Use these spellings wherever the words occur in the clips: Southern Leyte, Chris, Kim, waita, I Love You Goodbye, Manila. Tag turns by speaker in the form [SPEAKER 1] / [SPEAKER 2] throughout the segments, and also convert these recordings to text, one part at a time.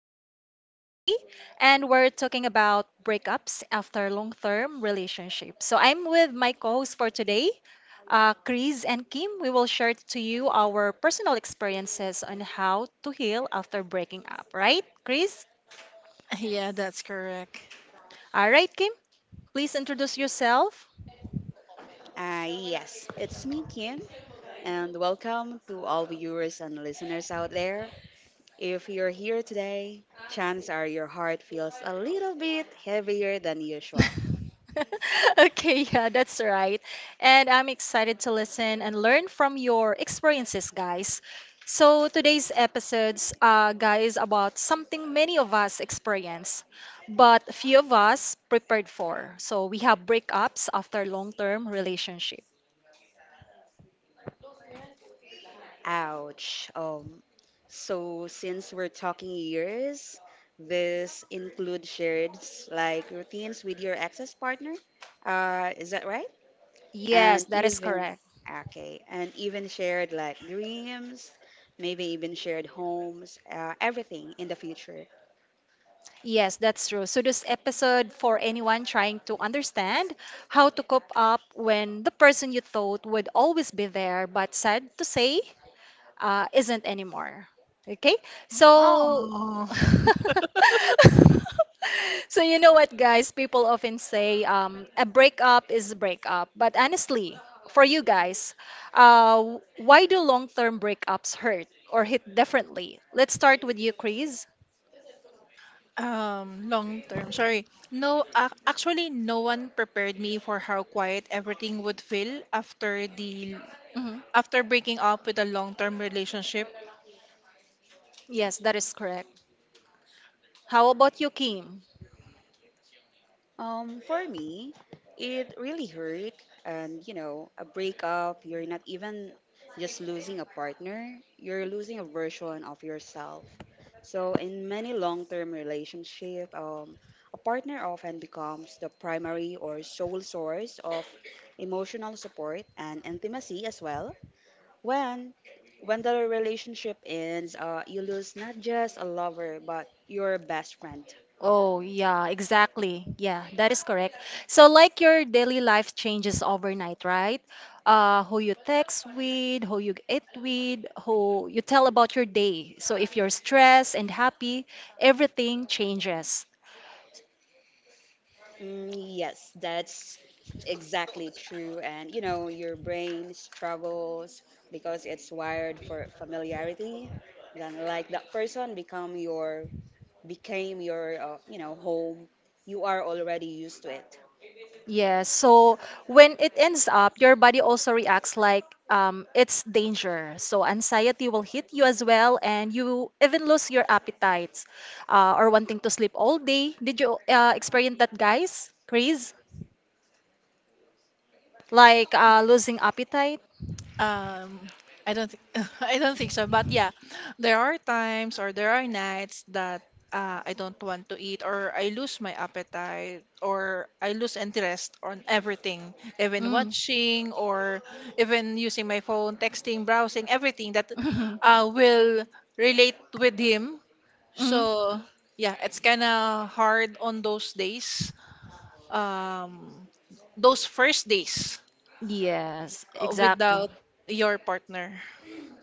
[SPEAKER 1] episode for today. And we're talking about breakups after long term relationships. So I'm with my co hosts for today, Chris and Kim. We will share to you our personal experiences on how to heal after breaking up, right, Chris?
[SPEAKER 2] Yeah, that's correct.
[SPEAKER 1] All right, Kim, please introduce yourself.
[SPEAKER 3] Yes, it's me, Kim, and welcome to all viewers and listeners out there. If you're here today, chances are your heart feels a little bit heavier than usual.
[SPEAKER 1] Okay, yeah, that's right. And I'm excited to listen and learn from your experiences, guys. So today's episodes, guys, about something many of us experience, but few of us prepared for. So we have breakups after long-term relationship.
[SPEAKER 3] Ouch. So, since we're talking years, this includes shared like routines with your access partner. Is that right?
[SPEAKER 1] Yes,
[SPEAKER 3] And
[SPEAKER 1] that is
[SPEAKER 3] even
[SPEAKER 1] correct.
[SPEAKER 3] okay and even shared like dreams, maybe even shared homes, everything in the future.
[SPEAKER 1] Yes, that's true. So this episode for anyone trying to understand how to cope up when the person you thought would always be there, but sad to say, isn't anymore. Okay, so
[SPEAKER 2] Oh,
[SPEAKER 1] so you know what, guys? People often say a breakup is a breakup, but honestly, for you guys, why do long-term breakups hurt or hit differently? Let's start with you, Chris.
[SPEAKER 2] Long term. Sorry. No, ac actually, no one prepared me for how quiet everything would feel after the
[SPEAKER 1] Hmm.
[SPEAKER 2] after breaking up with a long-term relationship.
[SPEAKER 1] Yes, that is correct. How about you, Kim?
[SPEAKER 3] For me it really hurt, and you know, a breakup, you're not even just losing a partner, you're losing a version of yourself. So in many long-term relationship, a partner often becomes the primary or sole source of emotional support and intimacy as well. When when the relationship ends, you lose not just a lover but your best friend.
[SPEAKER 1] Oh, yeah, exactly. Yeah, that is correct. So, like your daily life changes overnight, right? Who you text with, who you eat with, who you tell about your day. So, if you're stressed and happy, everything changes.
[SPEAKER 3] Mm, yes, that's exactly true. And you know, your brain struggles because it's wired for familiarity. Then, like, that person become your became your home. You are already used to it.
[SPEAKER 1] Yeah, so when it ends up, your body also reacts like it's danger. So, anxiety will hit you as well, and you even lose your appetites or wanting to sleep all day. Did you experience that, guys? Chris? Like losing appetite.
[SPEAKER 2] Um, I don't think I don't think so. But yeah, there are times or there are nights that I don't want to eat or I lose my appetite or I lose interest on everything, even
[SPEAKER 1] Mm.
[SPEAKER 2] watching or even using my phone, texting, browsing, everything that will relate with him.
[SPEAKER 1] Mm.
[SPEAKER 2] So yeah, it's kind of hard on those days. Um, those first days
[SPEAKER 1] Yes, exactly.
[SPEAKER 2] without your partner.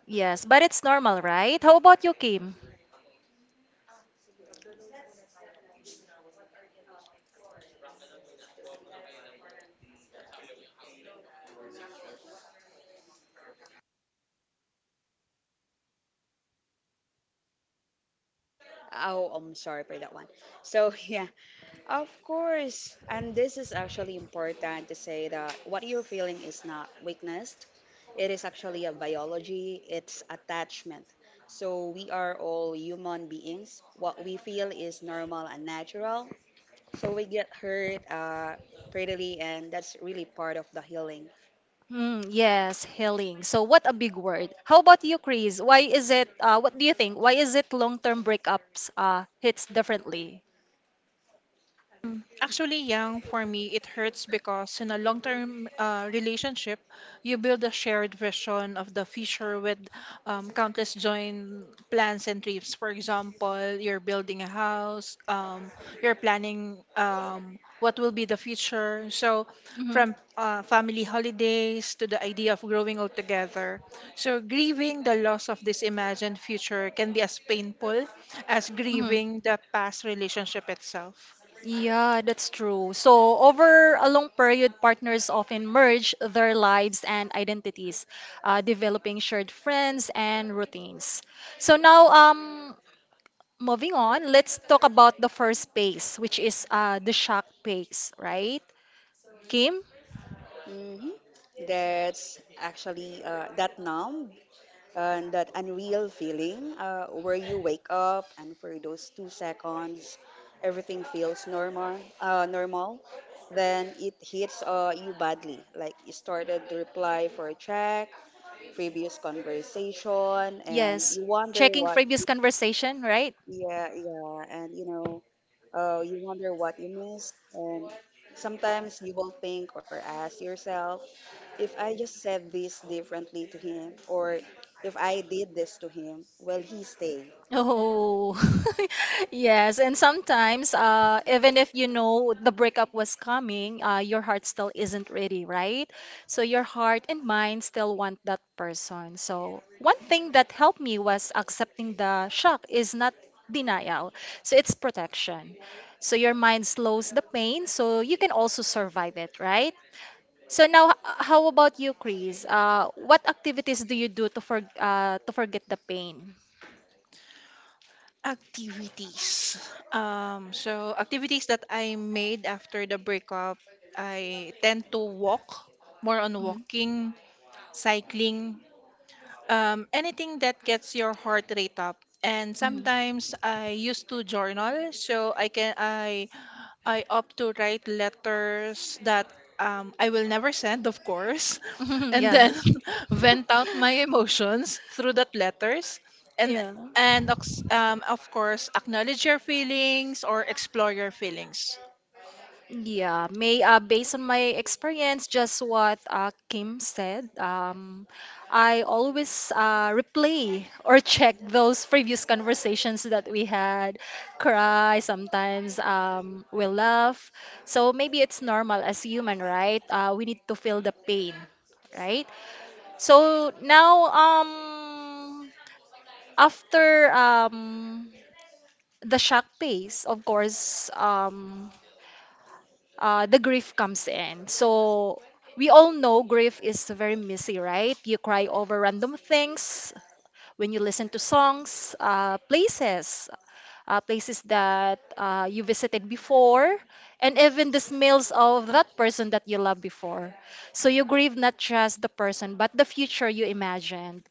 [SPEAKER 1] Yes, but it's normal, right? How about you, Kim?
[SPEAKER 3] Oh, I'm sorry for that one. So, yeah, of course. And this is actually important to say that what you're feeling is not weakness. It is actually a biology, it's attachment. So, we are all human beings. What we feel is normal and natural. So, we get hurt, prettily, and that's really part of the healing.
[SPEAKER 1] Mm, yes, healing. So what a big word. How about you, Chris? Why is it, what do you think? Why is it long-term breakups hits differently?
[SPEAKER 2] Actually, young for me, it hurts because in a long-term relationship, you build a shared vision of the future with countless joint plans and trips. For example, you're building a house, you're planning what will be the future. So,
[SPEAKER 1] Mm-hmm.
[SPEAKER 2] from family holidays to the idea of growing old together. So, grieving the loss of this imagined future can be as painful as
[SPEAKER 1] Mm-hmm.
[SPEAKER 2] grieving the past relationship itself.
[SPEAKER 1] Yeah, that's true. So, over a long period, partners often merge their lives and identities, developing shared friends and routines. So, now moving on, let's talk about the first phase, which is the shock phase, right? Kim?
[SPEAKER 3] Hmm. That's actually that numb and that unreal feeling, where you wake up and for those 2 seconds everything feels normal, normal, then it hits, you badly, like you started to reply for a check previous conversation, and
[SPEAKER 1] Yes.
[SPEAKER 3] you wonder
[SPEAKER 1] Checking
[SPEAKER 3] what.
[SPEAKER 1] previous conversation, right?
[SPEAKER 3] Yeah, yeah, and you know, you wonder what you missed, and sometimes you will think or ask yourself, if I just said this differently to him, or if I did this to him, will he stay?
[SPEAKER 1] Oh, yes. And sometimes, even if you know the breakup was coming, your heart still isn't ready, right? So your heart and mind still want that person. So one thing that helped me was accepting the shock is not denial. So it's protection. So your mind slows the pain, so you can also survive it, right? So now, how about you, Chris? What activities do you do to for, to forget the pain?
[SPEAKER 2] Activities. So activities that I made after the breakup, I tend to walk, more on walking, cycling, anything that gets your heart rate up. And
[SPEAKER 1] Mhm.
[SPEAKER 2] sometimes I used to journal, so I can I opt to write letters that I will never send, of course, and
[SPEAKER 1] Yeah.
[SPEAKER 2] then vent out my emotions through that letters, and
[SPEAKER 1] Yeah.
[SPEAKER 2] and of course acknowledge your feelings or explore your feelings.
[SPEAKER 1] Yeah, may based on my experience, just what Kim said, I always replay or check those previous conversations that we had, cry, sometimes we laugh. So maybe it's normal as human, right? We need to feel the pain, right? So now, after the shock phase, of course, the grief comes in. So we all know grief is very messy, right? You cry over random things, when you listen to songs, places, places that you visited before, and even the smells of that person that you loved before. So you grieve not just the person, but the future you imagined.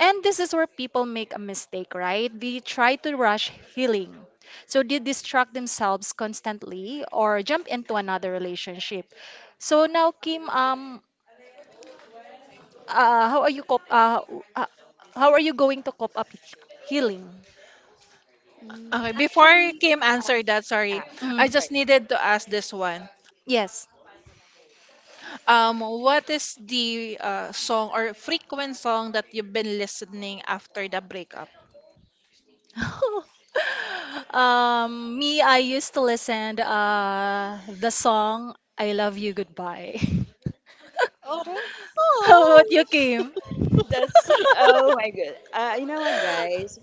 [SPEAKER 1] And this is where people make a mistake, right? They try to rush healing. So they distract themselves constantly or jump into another relationship. So now, Kim, uh, how are you cop uh, uh, how are you going to cope up with healing?
[SPEAKER 3] Mm,
[SPEAKER 2] Okay, before
[SPEAKER 3] actually,
[SPEAKER 2] Kim answered that, sorry,
[SPEAKER 3] ah,
[SPEAKER 1] Mm,
[SPEAKER 2] I
[SPEAKER 3] sorry.
[SPEAKER 2] just needed to ask this one.
[SPEAKER 1] yes.
[SPEAKER 2] What is the song or frequent song that you've been listening after the breakup?
[SPEAKER 1] Me, I used to listen the song "I Love You Goodbye." How about you, Kim?
[SPEAKER 3] That's, oh my god. You know what, guys?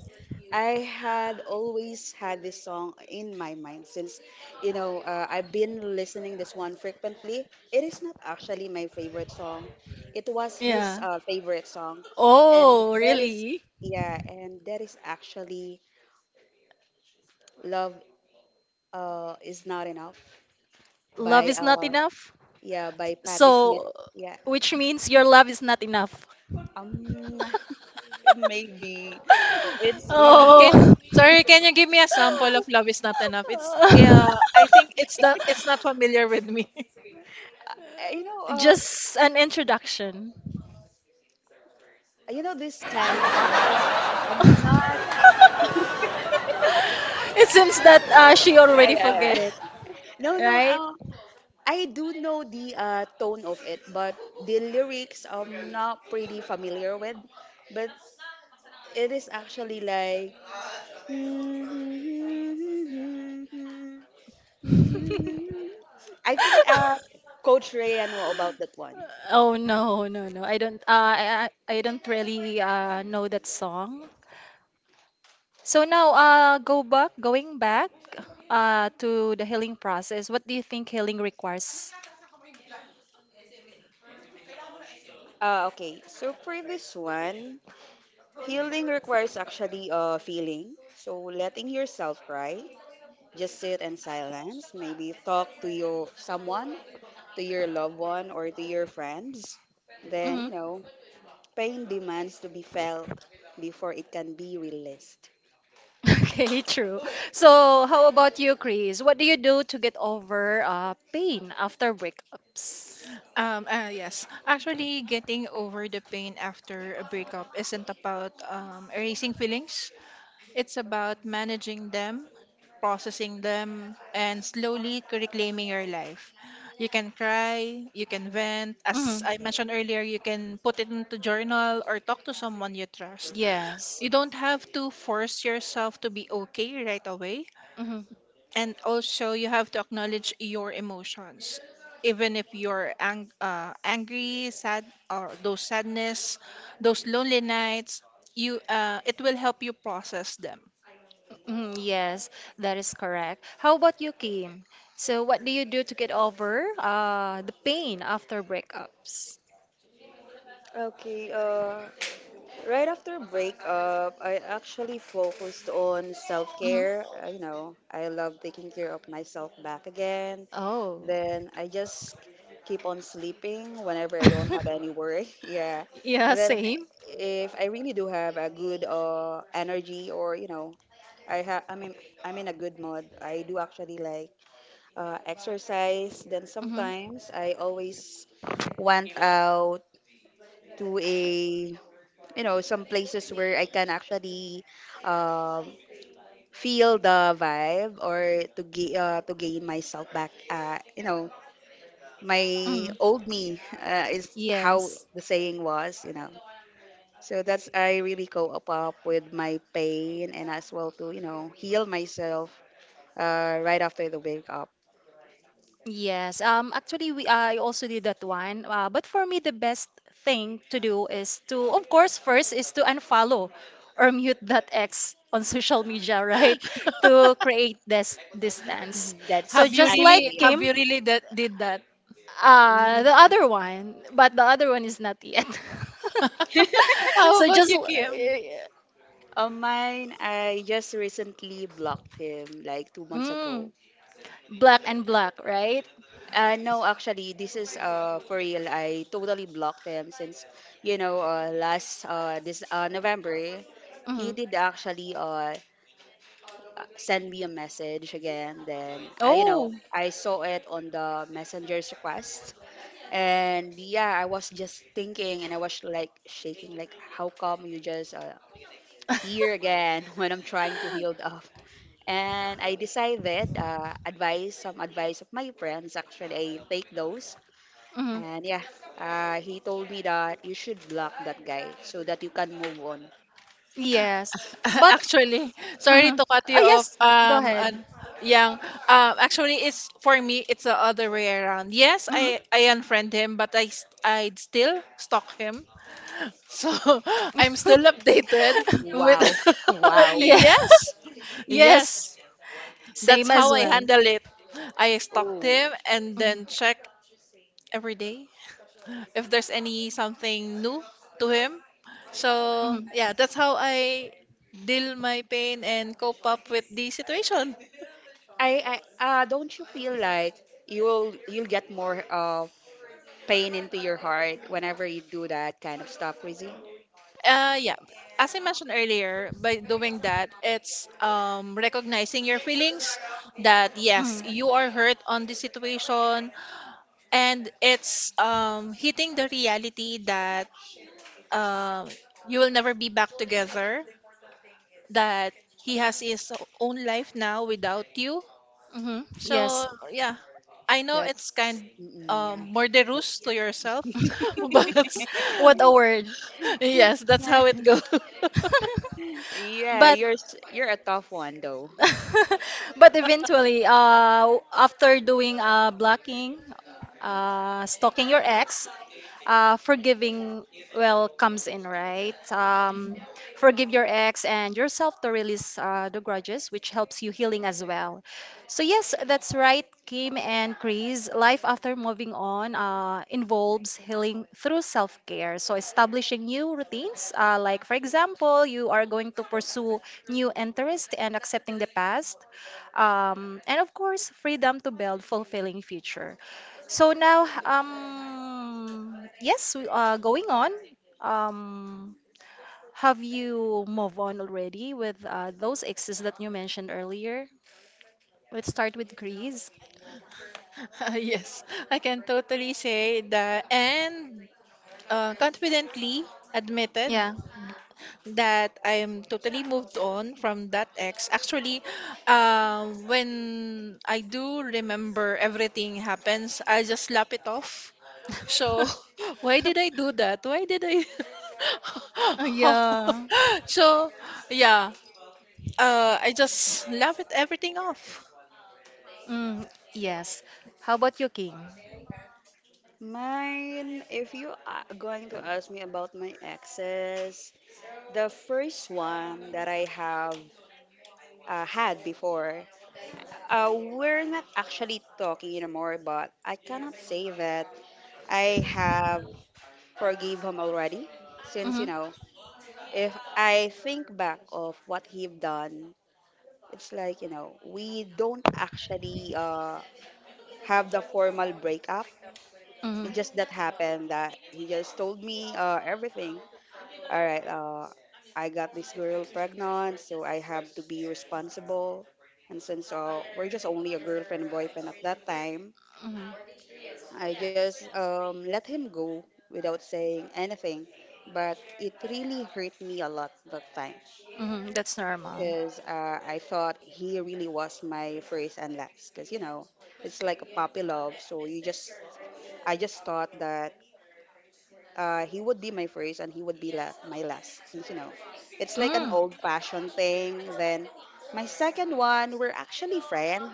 [SPEAKER 3] I had always had this song in my mind since, you know, I've been listening this one frequently. It is not actually my favorite song. It was his
[SPEAKER 1] Yeah.
[SPEAKER 3] favorite song, and
[SPEAKER 1] Oh,
[SPEAKER 3] that is,
[SPEAKER 1] really?
[SPEAKER 3] yeah, and that is actually "Love Is Not Enough"
[SPEAKER 1] Love
[SPEAKER 3] by
[SPEAKER 1] is not
[SPEAKER 3] uh
[SPEAKER 1] enough?
[SPEAKER 3] yeah, by Patti Smith.
[SPEAKER 1] So,
[SPEAKER 3] Yeah.
[SPEAKER 1] which means your love is not enough.
[SPEAKER 3] Um. Maybe it's really
[SPEAKER 2] Can
[SPEAKER 1] Oh.
[SPEAKER 2] sorry, can you give me a sample of "Love Is Not Enough"? It's I think it's not familiar with me.
[SPEAKER 3] you know uh
[SPEAKER 1] Just an introduction.
[SPEAKER 3] you know, this kind of hum things. I'm not
[SPEAKER 1] It seems that she
[SPEAKER 3] I,
[SPEAKER 1] already
[SPEAKER 3] I,
[SPEAKER 1] forget
[SPEAKER 3] I-
[SPEAKER 1] it,
[SPEAKER 3] no no
[SPEAKER 1] right?
[SPEAKER 3] I do know the tone of it, but the lyrics I'm not pretty familiar with, but it is actually like I think Coach Ray, I know about that one.
[SPEAKER 1] Oh no, no, no. I don't I, I I don't really know that song. So now going back to the healing process. What do you think healing requires?
[SPEAKER 3] Okay, so previous one, healing requires actually feeling. So letting yourself cry, just sit in silence, maybe talk to your someone, to your loved one or to your friends. Then,
[SPEAKER 1] Hmm.
[SPEAKER 3] you know, pain demands to be felt before it can be released.
[SPEAKER 1] Okay, true. So, how about you, Chris? What do you do to get over pain after breakups?
[SPEAKER 2] Yes, actually, getting over the pain after a breakup isn't about erasing feelings. It's about managing them, processing them, and slowly reclaiming your life. You can cry, you can vent. As
[SPEAKER 1] Hmm.
[SPEAKER 2] I mentioned earlier, you can put it into journal or talk to someone you trust.
[SPEAKER 1] Yes.
[SPEAKER 2] You don't have to force yourself to be okay right away.
[SPEAKER 1] Hmm.
[SPEAKER 2] And also, you have to acknowledge your emotions. Even if you're angry, sad, or those sadness, those lonely nights, you it will help you process them.
[SPEAKER 1] Hmm. Yes, that is correct. How about you, Kim? So, what do you do to get over the pain after breakups?
[SPEAKER 3] Okay, right after breakup, I actually focused on self
[SPEAKER 1] Hmm.
[SPEAKER 3] care. You know, I love taking care of myself back again.
[SPEAKER 1] Oh,
[SPEAKER 3] Then I just keep on sleeping whenever I don't have any work. Yeah.
[SPEAKER 1] yeah,
[SPEAKER 3] And then
[SPEAKER 1] same.
[SPEAKER 3] if I really do have a good energy, or, I have, I mean, I'm in a good mood. I do actually like, exercise. Then
[SPEAKER 1] Hmm.
[SPEAKER 3] sometimes I always went out to a, you know, some places where I can actually, um, feel the vibe, or to, to gain myself back, you know, my
[SPEAKER 1] Hmm.
[SPEAKER 3] old me, is how
[SPEAKER 1] Yes.
[SPEAKER 3] the saying was, you know. So that's, I really co up with my pain and as well to, you know, heal myself right after the wake up.
[SPEAKER 1] Yes, actually, we I also did that one. But for me, the best thing to do is to, of course, first is to unfollow or mute that ex on social media, right? To create this distance. So
[SPEAKER 2] Have
[SPEAKER 3] That's
[SPEAKER 2] you
[SPEAKER 1] just
[SPEAKER 2] really,
[SPEAKER 1] like
[SPEAKER 3] actually
[SPEAKER 2] have
[SPEAKER 1] Kim,
[SPEAKER 2] you
[SPEAKER 3] it.
[SPEAKER 2] really that did that?
[SPEAKER 1] the other one, but the other one is not yet.
[SPEAKER 2] How
[SPEAKER 1] So
[SPEAKER 2] about you, Kim?
[SPEAKER 3] On mine, I just recently blocked him like 2 months
[SPEAKER 1] mm,
[SPEAKER 3] ago.
[SPEAKER 1] black and black, right?
[SPEAKER 3] No, actually this is, for real, I totally blocked him since, you know, last this November. He
[SPEAKER 1] Mhm.
[SPEAKER 3] did actually send me a message again. Then, I, you know,
[SPEAKER 1] Oh.
[SPEAKER 3] I saw it on the messenger's request. And yeah, I was just thinking and I was like shaking, like, how come you just here again when I'm trying to heal up? And I decided, some advice of my friends, actually, I take those.
[SPEAKER 1] Mhm.
[SPEAKER 3] And yeah, he told me that you should block that guy so that you can move on.
[SPEAKER 1] Yes. But
[SPEAKER 2] Actually, sorry
[SPEAKER 1] Mm-hmm.
[SPEAKER 2] to cut
[SPEAKER 1] Oh
[SPEAKER 2] you off.
[SPEAKER 1] yes, go ahead.
[SPEAKER 2] Yang. Actually, it's for me, it's the other way around. Yes, I
[SPEAKER 1] Mm-hmm.
[SPEAKER 2] I unfriend him, but I'd still stalk him. So I'm still updated with.
[SPEAKER 3] Wow, wow.
[SPEAKER 1] Yeah.
[SPEAKER 2] Yes,
[SPEAKER 1] Yes,
[SPEAKER 2] yes. That's
[SPEAKER 1] same
[SPEAKER 2] how
[SPEAKER 1] as
[SPEAKER 2] I
[SPEAKER 1] well.
[SPEAKER 2] handle it. I stalked
[SPEAKER 3] Oh,
[SPEAKER 2] him and
[SPEAKER 1] Mm-hmm.
[SPEAKER 2] then check every day if there's any something new to him. So
[SPEAKER 1] Mm-hmm.
[SPEAKER 2] yeah, that's how I deal my pain and cope up with the situation.
[SPEAKER 3] I don't you feel like you'll get more, pain into your heart whenever you do that kind of stuff, Chrissy?
[SPEAKER 2] Yeah, as I mentioned earlier, by doing that, it's recognizing your feelings that yes,
[SPEAKER 1] Mm-hmm.
[SPEAKER 2] you are hurt on the situation, and it's hitting the reality that um, you will never be back together, that he has his own life now without you.
[SPEAKER 1] Mm-hmm.
[SPEAKER 2] So
[SPEAKER 1] Yes.
[SPEAKER 2] yeah, I know it's
[SPEAKER 3] That's,
[SPEAKER 2] kind
[SPEAKER 3] mm,
[SPEAKER 2] murderous
[SPEAKER 3] that's
[SPEAKER 2] to yourself, but
[SPEAKER 1] What a word.
[SPEAKER 2] yes, that's how it goes.
[SPEAKER 3] yeah,
[SPEAKER 1] But
[SPEAKER 3] you're a tough one though.
[SPEAKER 1] but eventually after doing blocking stalking your ex, forgiving well comes in, right? Forgive your ex and yourself to release the grudges, which helps you healing as well. So yes, that's right, Kim and Chris. Life after moving on involves healing through self-care. So establishing new routines, like for example, you are going to pursue new interests and accepting the past, and of course, freedom to build fulfilling future. So now, yes, we are going on. Um, have you moved on already with those exes that you mentioned earlier? Let's start with Greece.
[SPEAKER 2] Yes, I can totally say that and confidently admitted
[SPEAKER 1] Yeah.
[SPEAKER 2] that I'm totally moved on from that ex. Actually, when I do remember everything happens, I just slap it off. So, why did I do that? Why did I?
[SPEAKER 1] Yeah.
[SPEAKER 2] So, yeah, I just laugh it everything off.
[SPEAKER 1] Mm, yes. How about you, King?
[SPEAKER 3] Mine, if you are going to ask me about my exes, the first one that I have, had before, we're not actually talking anymore, but I cannot say that I have forgive him already, since you
[SPEAKER 1] Mm-hmm.
[SPEAKER 3] know, if I think back of what he've done, it's like, you know, we don't actually have the formal breakup.
[SPEAKER 1] Mm-hmm.
[SPEAKER 3] It just that happened that he just told me, uh, everything. All right, I got this girl pregnant, so I have to be responsible. And since, we're just only a girlfriend and boyfriend at that time,
[SPEAKER 1] Mm-hmm.
[SPEAKER 3] I just let him go without saying anything, but it really hurt me a lot that time,
[SPEAKER 1] Mm-hmm. That's normal.
[SPEAKER 3] because, I thought he really was my first and last. Because, you know, it's like a puppy love, so you just I just thought that, he would be my first and he would be my last, since, you know, it's like an
[SPEAKER 1] Mm.
[SPEAKER 3] old-fashioned thing. Then my second one, we're actually friends.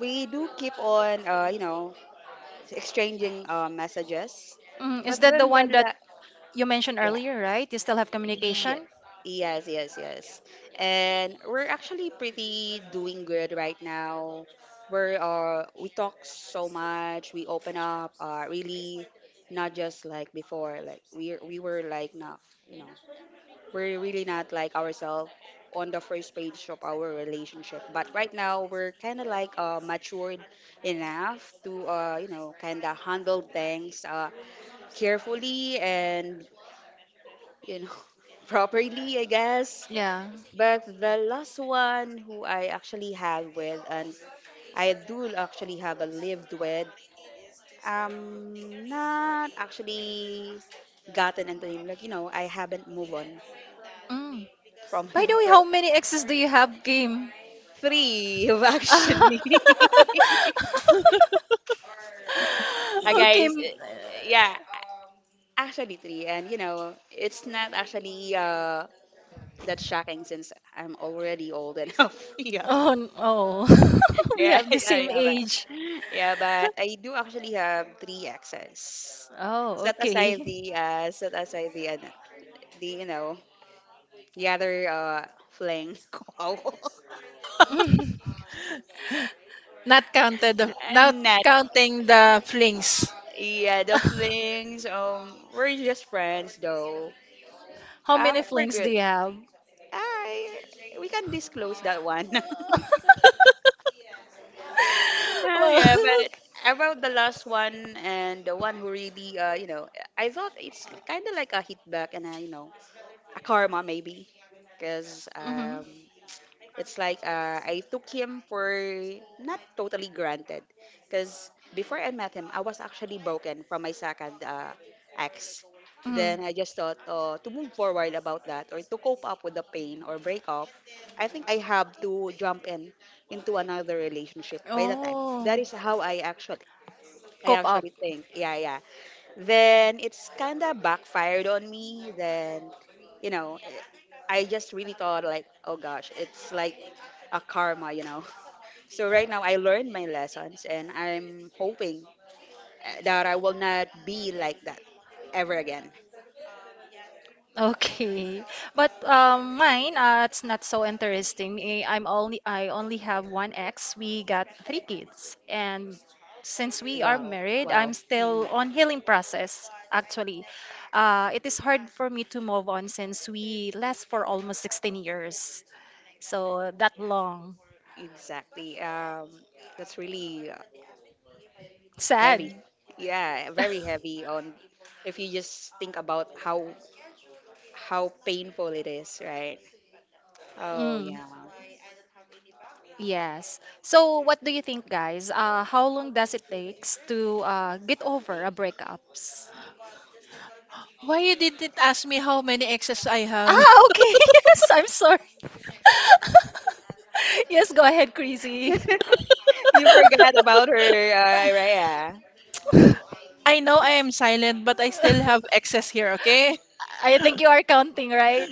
[SPEAKER 3] We do keep on, you know, exchanging messages.
[SPEAKER 1] Mm. Is
[SPEAKER 3] But
[SPEAKER 1] that the
[SPEAKER 3] then the
[SPEAKER 1] one that
[SPEAKER 3] la-
[SPEAKER 1] you mentioned
[SPEAKER 3] yeah,
[SPEAKER 1] earlier, right? You still have
[SPEAKER 3] ye-
[SPEAKER 1] communication?
[SPEAKER 3] yes, yes. And we're actually pretty doing good right now. We talk so much. We open up. Really, not just like before. Like, we were like not, you know, we're really not like ourselves on the first page of our relationship, but right now we're kind of like, matured enough to, you know, kind of handle things, carefully, and, you know, properly, I guess.
[SPEAKER 1] Yeah.
[SPEAKER 3] But the last one who I actually had with, and I do actually have a lived with, not actually gotten into him, like, you know, I haven't moved on
[SPEAKER 1] Mm.
[SPEAKER 3] from
[SPEAKER 1] By
[SPEAKER 3] him
[SPEAKER 1] the way,
[SPEAKER 3] for
[SPEAKER 1] how many exes do you have, Kim?
[SPEAKER 3] three. Actually
[SPEAKER 1] Okay.
[SPEAKER 3] guys, yeah, actually three, and you know, it's not actually that shocking since I'm already old enough. Yeah.
[SPEAKER 1] Oh, oh. We
[SPEAKER 3] Yeah,
[SPEAKER 1] have the
[SPEAKER 3] yeah,
[SPEAKER 1] same age.
[SPEAKER 3] yeah, but I do actually have three exes.
[SPEAKER 1] Oh, okay.
[SPEAKER 3] Set aside the, the you know the other fling.
[SPEAKER 2] Not counted,
[SPEAKER 3] Wow.
[SPEAKER 2] not
[SPEAKER 3] And that,
[SPEAKER 2] counting the flings.
[SPEAKER 3] yeah, the flings. We're just friends though.
[SPEAKER 1] How many
[SPEAKER 3] But we're
[SPEAKER 1] flings do
[SPEAKER 3] good.
[SPEAKER 1] you have?
[SPEAKER 3] I We can disclose that one. Ah,
[SPEAKER 1] Well,
[SPEAKER 3] yeah, but about the last one, and the one who really, you know, I thought it's kind of like a hit back, and a, you know, a karma maybe, because
[SPEAKER 1] mhm,
[SPEAKER 3] it's like, I took him for not totally granted, because before I met him I was actually broken from my second, ex.
[SPEAKER 1] mhm.
[SPEAKER 3] Then I just thought, to move forward about that, or to cope up with the pain or break up, I think I have to jump in into another relationship by the time. That
[SPEAKER 1] Oh,
[SPEAKER 3] is how I actually
[SPEAKER 1] cop up.
[SPEAKER 3] think, yeah, yeah, then it's kind of backfired on me. Then, you know, eh, I just really thought, like, oh gosh, it's like a karma, you know. So right now, I learned my lessons and I'm hoping, eh, that I will not be like that ever again.
[SPEAKER 1] Okay, but mine it's not so interesting. Eh, I only have one ex. We got three kids, and since we are
[SPEAKER 3] Wow,
[SPEAKER 1] married,
[SPEAKER 3] wow.
[SPEAKER 1] I'm still
[SPEAKER 3] Mm,
[SPEAKER 1] on healing process. Actually, it is hard for me to move on since we last for almost 16 years, so that long.
[SPEAKER 3] exactly. That's really, heavy.
[SPEAKER 1] Sad.
[SPEAKER 3] Yeah, very heavy, on if you just think about how painful it is, right? Oh
[SPEAKER 1] Mm,
[SPEAKER 3] yeah.
[SPEAKER 1] yes. So, what do you think, guys? How long does it takes to get over a breakups?
[SPEAKER 2] Why you didn't ask me how many exes I have?
[SPEAKER 1] Ah, okay. Yes, I'm sorry. Yes, go ahead, Crazy.
[SPEAKER 3] You forgot about her, Raya.
[SPEAKER 2] I know I am silent, but I still have exes here, okay?
[SPEAKER 1] I think you are counting, right?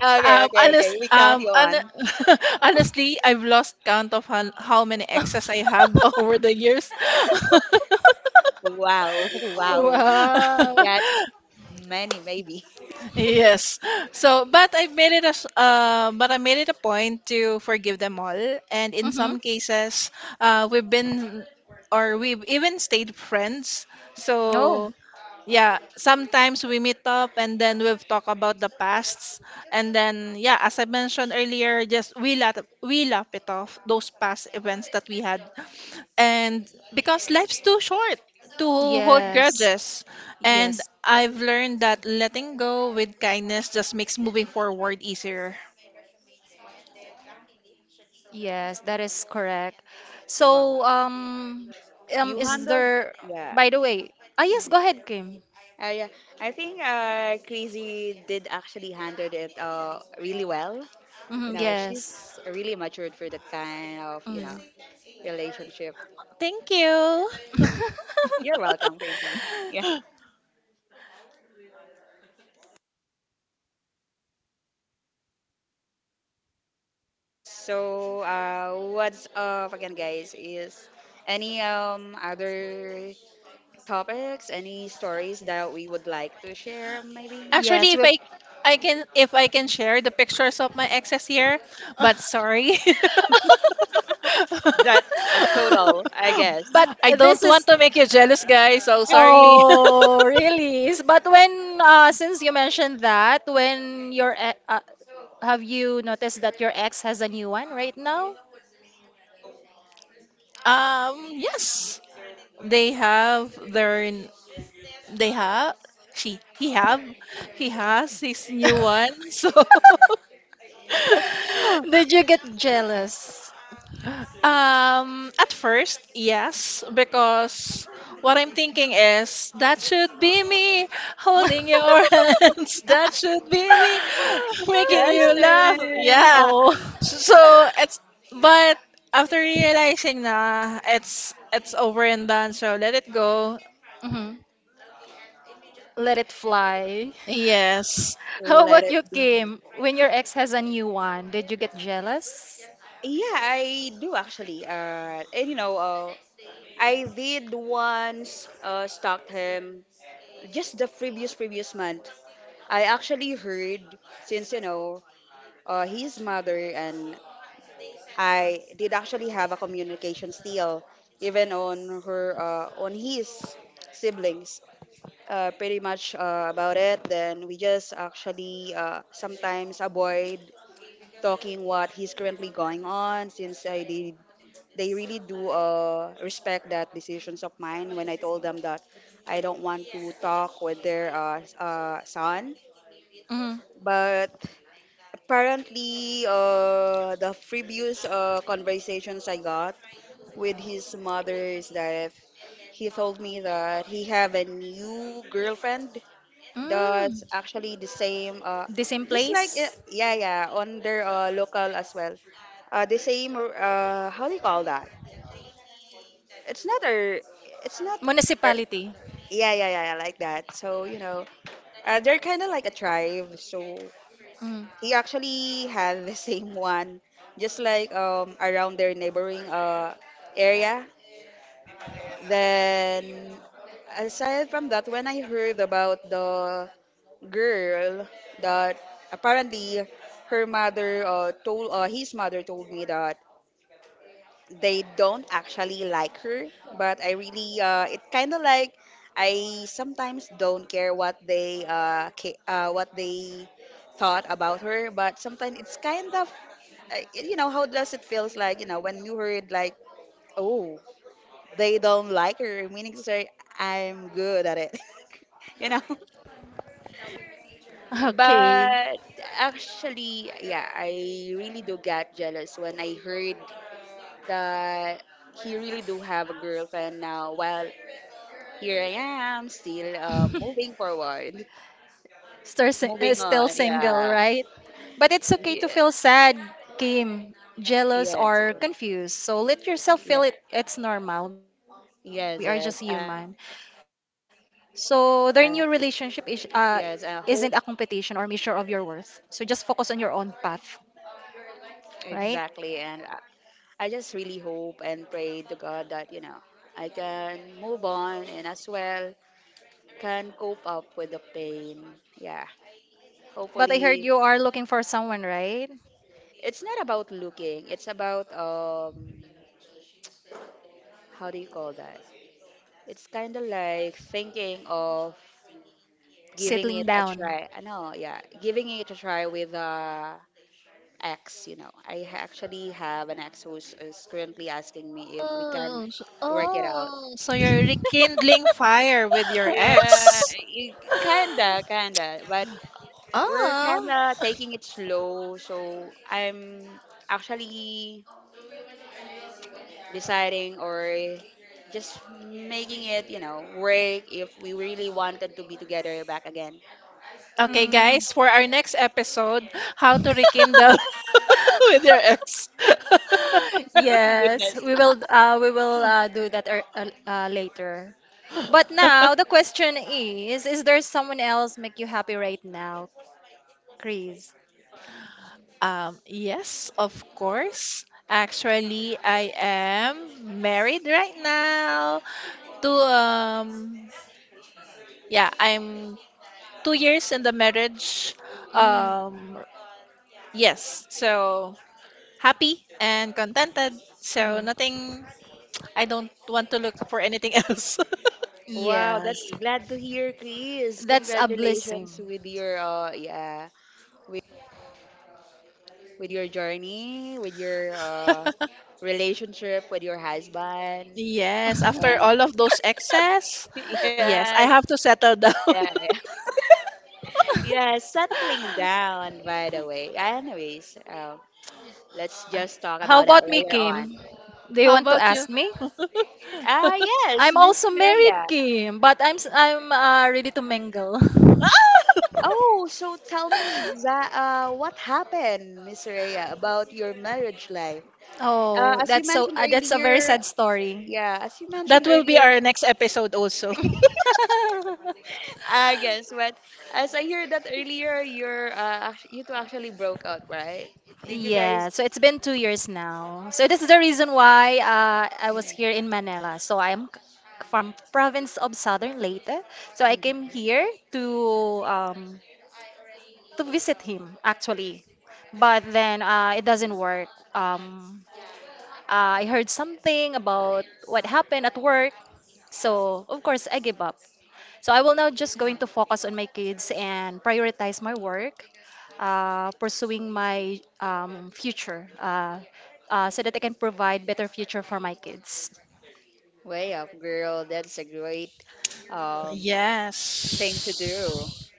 [SPEAKER 3] Okay, okay, okay.
[SPEAKER 2] Honest,
[SPEAKER 3] We count you
[SPEAKER 2] hon
[SPEAKER 3] on.
[SPEAKER 2] honestly, I've lost count of how many exes I have over the years.
[SPEAKER 3] Wow, wow.
[SPEAKER 1] Wow.
[SPEAKER 3] That's many, maybe.
[SPEAKER 2] Yes. So, but I made it a point to forgive them all, and in
[SPEAKER 1] Mm-hmm.
[SPEAKER 2] some cases, we've been or we've even stayed friends.
[SPEAKER 1] Oh,
[SPEAKER 2] So yeah, sometimes we meet up and then we've talked about the pasts, and then yeah, as I mentioned earlier, just we laugh, we laugh it off those past events that we had, and because life's too short to hold
[SPEAKER 1] yes.
[SPEAKER 2] grudges, and
[SPEAKER 1] Yes.
[SPEAKER 2] I've learned that letting go with kindness just makes moving forward easier.
[SPEAKER 1] Yes, that is correct.
[SPEAKER 3] Wow.
[SPEAKER 1] So,
[SPEAKER 3] You
[SPEAKER 1] is
[SPEAKER 3] handled,
[SPEAKER 1] there,
[SPEAKER 3] yeah.
[SPEAKER 1] by the way, ah, yes, go ahead, Kim.
[SPEAKER 3] Yeah. I think, Crazy did actually handled it, really well. You
[SPEAKER 1] Hmm,
[SPEAKER 3] know,
[SPEAKER 1] yes.
[SPEAKER 3] she's really matured for that kind of, you know,
[SPEAKER 1] Mm.
[SPEAKER 3] relationship.
[SPEAKER 2] Thank you.
[SPEAKER 3] You're welcome, Crazy. Yeah. So, what's up again, guys? Is any, other topics, any stories that we would like to share, maybe?
[SPEAKER 2] Actually,
[SPEAKER 1] Yes, we
[SPEAKER 2] if I can share the pictures of my exes here, but sorry.
[SPEAKER 3] That's a total, I guess.
[SPEAKER 1] but
[SPEAKER 2] I don't
[SPEAKER 1] this
[SPEAKER 2] want
[SPEAKER 1] is,
[SPEAKER 2] to make you jealous, guys. So sorry.
[SPEAKER 1] oh, really? But when, since you mentioned that, when your, have you noticed that your ex has a new one right now?
[SPEAKER 2] Yes. They have their they have she he have He has his new one. So
[SPEAKER 1] Did you get jealous?
[SPEAKER 2] At first, yes, because what I'm thinking is that should be me holding your hands. That should be me making you laugh.
[SPEAKER 3] Justin.
[SPEAKER 2] Yeah.
[SPEAKER 1] Oh.
[SPEAKER 2] So it's but after realizing nah, it's over and done. So let it go.
[SPEAKER 1] Mhm. Let it fly.
[SPEAKER 2] Yes.
[SPEAKER 1] How
[SPEAKER 3] Let
[SPEAKER 1] about
[SPEAKER 3] it
[SPEAKER 1] you,
[SPEAKER 3] be.
[SPEAKER 1] Kim? When your ex has a new one, did you get jealous?
[SPEAKER 3] Yeah, I do actually. And you know, I did once, stalked him just the previous previous month. I actually heard since, you know, his mother and I did actually have a communication still, even on her, on his siblings. Uh, pretty much, about it. Then we just actually, sometimes avoid talking what he's currently going on, since I did. They really do, respect that decisions of mine when I told them that I don't want to talk with their, son.
[SPEAKER 1] Mm.
[SPEAKER 3] But apparently, the previous, conversations I got with his mother is that he told me that he have a new girlfriend,
[SPEAKER 1] Mm.
[SPEAKER 3] that's actually the same.
[SPEAKER 1] The same
[SPEAKER 3] Just like,
[SPEAKER 1] place?
[SPEAKER 3] yeah, yeah, on their, local as well. The same. How do you call that? It's not a. It's not. A,
[SPEAKER 1] Municipality.
[SPEAKER 3] yeah, yeah, yeah, yeah, like that. So, you know, they're kind of like a tribe. So
[SPEAKER 1] Mm.
[SPEAKER 3] he actually had the same one, just like around their neighboring area. Then aside from that, when I heard about the girl that apparently her mother, told, his mother told me that they don't actually like her, but I really, it kind of like, I sometimes don't care what they, what they thought about her, but sometimes it's kind of, you know, how does it feels like, you know, when you heard like, oh, they don't like her, meaning to say I'm good at it. You know.
[SPEAKER 1] Okay.
[SPEAKER 3] But actually, yeah, I really do get jealous when I heard that he really do have a girlfriend now. While here I am, still, moving forward,
[SPEAKER 1] Still,
[SPEAKER 3] moving
[SPEAKER 1] still
[SPEAKER 3] on.
[SPEAKER 1] single,
[SPEAKER 3] Yeah,
[SPEAKER 1] right? But it's okay to
[SPEAKER 3] yeah,
[SPEAKER 1] feel sad, Kim, jealous,
[SPEAKER 3] yes,
[SPEAKER 1] or confused. So let yourself
[SPEAKER 3] yeah,
[SPEAKER 1] feel it. It's normal. We are just human.
[SPEAKER 3] yes, yes, uh,
[SPEAKER 1] So their new
[SPEAKER 3] yes. I
[SPEAKER 1] relationship is
[SPEAKER 3] hope,
[SPEAKER 1] isn't a competition or measure of your worth. So just focus on your own path, right?
[SPEAKER 3] exactly, I just really hope and pray to God that, you know, I can move on, and as well can cope up with the pain. Yeah.
[SPEAKER 1] But I heard
[SPEAKER 3] Hopefully,
[SPEAKER 1] you are looking for someone, right?
[SPEAKER 3] it's not about looking. It's about, how do you call that? It's kind of like thinking of giving
[SPEAKER 1] Settling
[SPEAKER 3] it a
[SPEAKER 1] down.
[SPEAKER 3] try. I know, yeah, giving it a try with, ex. You know, actually have an ex who's is currently asking me if we can
[SPEAKER 2] Oh, so-
[SPEAKER 3] work it out.
[SPEAKER 2] oh, so you're rekindling fire with your ex.
[SPEAKER 3] Yeah, kinda, but we're
[SPEAKER 2] Ah.
[SPEAKER 3] kinda taking it slow. So I'm actually deciding or just making it, you know, work, if we really wanted to be together back again.
[SPEAKER 2] Okay,
[SPEAKER 1] Mm.
[SPEAKER 2] guys, for our next episode, how to rekindle with your ex.
[SPEAKER 1] Yes,
[SPEAKER 3] Goodness.
[SPEAKER 1] we will do that later. But now the question is there someone else make you happy right now, Chris?
[SPEAKER 2] Yes, of course. Actually, I am married right now to yeah, I'm 2 years in the marriage.
[SPEAKER 1] Mm,
[SPEAKER 2] Um, yes. So happy and contented. So
[SPEAKER 1] mm.
[SPEAKER 2] nothing. I don't want to look for anything else.
[SPEAKER 3] Wow,
[SPEAKER 1] Yes,
[SPEAKER 3] that's glad to hear, Chris.
[SPEAKER 1] that's a blessing.
[SPEAKER 3] Congratulations with your, yeah, with, with your journey, with your, relationship with your husband,
[SPEAKER 2] Yes, after
[SPEAKER 3] and
[SPEAKER 2] all of those excess, yes, I
[SPEAKER 3] yes,
[SPEAKER 2] have to settle down.
[SPEAKER 3] yeah, yeah, yeah, settling down, by the way. Anyways, let's just talk
[SPEAKER 1] How
[SPEAKER 3] about that
[SPEAKER 1] about me,
[SPEAKER 3] later on.
[SPEAKER 1] Kim? Do you
[SPEAKER 2] How
[SPEAKER 1] want to
[SPEAKER 2] about
[SPEAKER 1] ask
[SPEAKER 2] you?
[SPEAKER 1] me?
[SPEAKER 3] Ah yes,
[SPEAKER 1] I'm
[SPEAKER 3] Miss
[SPEAKER 1] also married,
[SPEAKER 3] Rhea.
[SPEAKER 1] Kim, but I'm ready to mingle.
[SPEAKER 2] Ah!
[SPEAKER 3] Oh, so tell me what happened, Miss Rhea, about your marriage life.
[SPEAKER 1] Oh,
[SPEAKER 3] As you
[SPEAKER 1] that's so
[SPEAKER 3] mentioned
[SPEAKER 1] that's a very
[SPEAKER 3] earlier,
[SPEAKER 1] sad story.
[SPEAKER 3] yeah, as you mentioned
[SPEAKER 2] That will be
[SPEAKER 3] earlier,
[SPEAKER 2] our next episode also.
[SPEAKER 3] I guess, but as I heard that earlier, you're, you two actually broke out, right? Did you
[SPEAKER 1] Yeah,
[SPEAKER 3] guys?
[SPEAKER 1] so it's been 2 years now. So that's the reason why I was
[SPEAKER 3] Mm,
[SPEAKER 1] here in Manila. So from province of Southern Leyte. So I came
[SPEAKER 3] mhm.
[SPEAKER 1] here to um, to visit him actually, but then it doesn't work. Um, I heard something about what happened at work, so of course I give up. So I will now just going to focus on my kids and prioritize my work, pursuing my um, future, so that I can provide better future for my kids.
[SPEAKER 3] Way up, girl. That's a great, um thing to do.
[SPEAKER 2] Yes.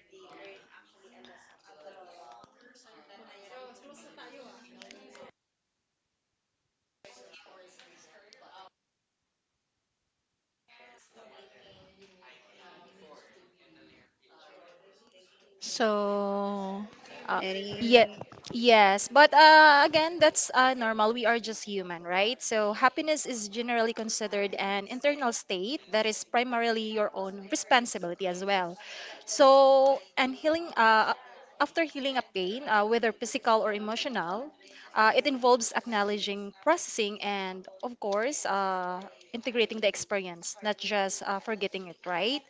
[SPEAKER 2] So,
[SPEAKER 1] Uh, yeah,
[SPEAKER 3] Any
[SPEAKER 1] yes, but again, that's normal. We are just human, right? So happiness is generally considered an internal state that is primarily your own responsibility as well. So, and healing, after healing a pain, whether physical or emotional, it involves acknowledging, processing, and of course, integrating the experience, not just forgetting it, right?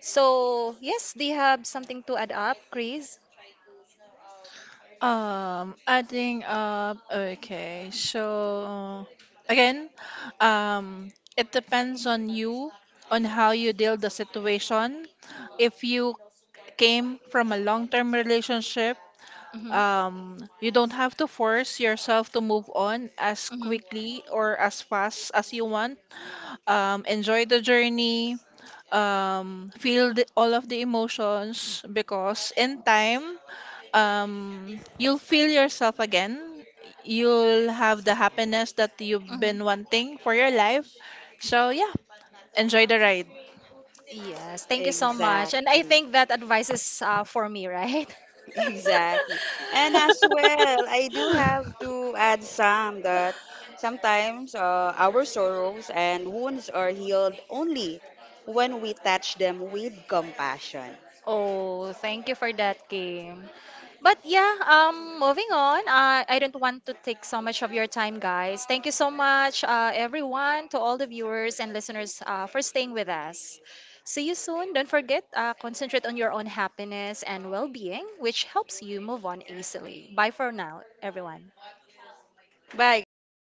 [SPEAKER 1] So, yes, do you have something to add up, Chris?
[SPEAKER 2] adding up, okay. So, again, um, it depends on you, on how you deal the situation. If you came from a long-term relationship,
[SPEAKER 1] Mhm.
[SPEAKER 2] You don't have to force yourself to move on as
[SPEAKER 1] Mm-hmm.
[SPEAKER 2] quickly or as fast as you want. Enjoy the journey. Feel the, all of the emotions because in time, you'll feel yourself again. You'll have the happiness that you've
[SPEAKER 1] Mm-hmm.
[SPEAKER 2] been wanting for your life. So yeah, enjoy the ride.
[SPEAKER 1] Yes, thank you so much. And I
[SPEAKER 3] Exactly.
[SPEAKER 1] think that advice is for me, right?
[SPEAKER 3] Exactly. And as well, I do have to add some that sometimes, our sorrows and wounds are healed only when we touch them with compassion.
[SPEAKER 1] Oh, thank you for that game. But yeah, moving on. I don't want to take so much of your time, guys. Thank you so much, everyone, to all the viewers and listeners for staying with us. See you soon. Don't forget, concentrate on your own happiness and well-being, which helps you move on easily. Bye for now, everyone.
[SPEAKER 3] Bye, guys.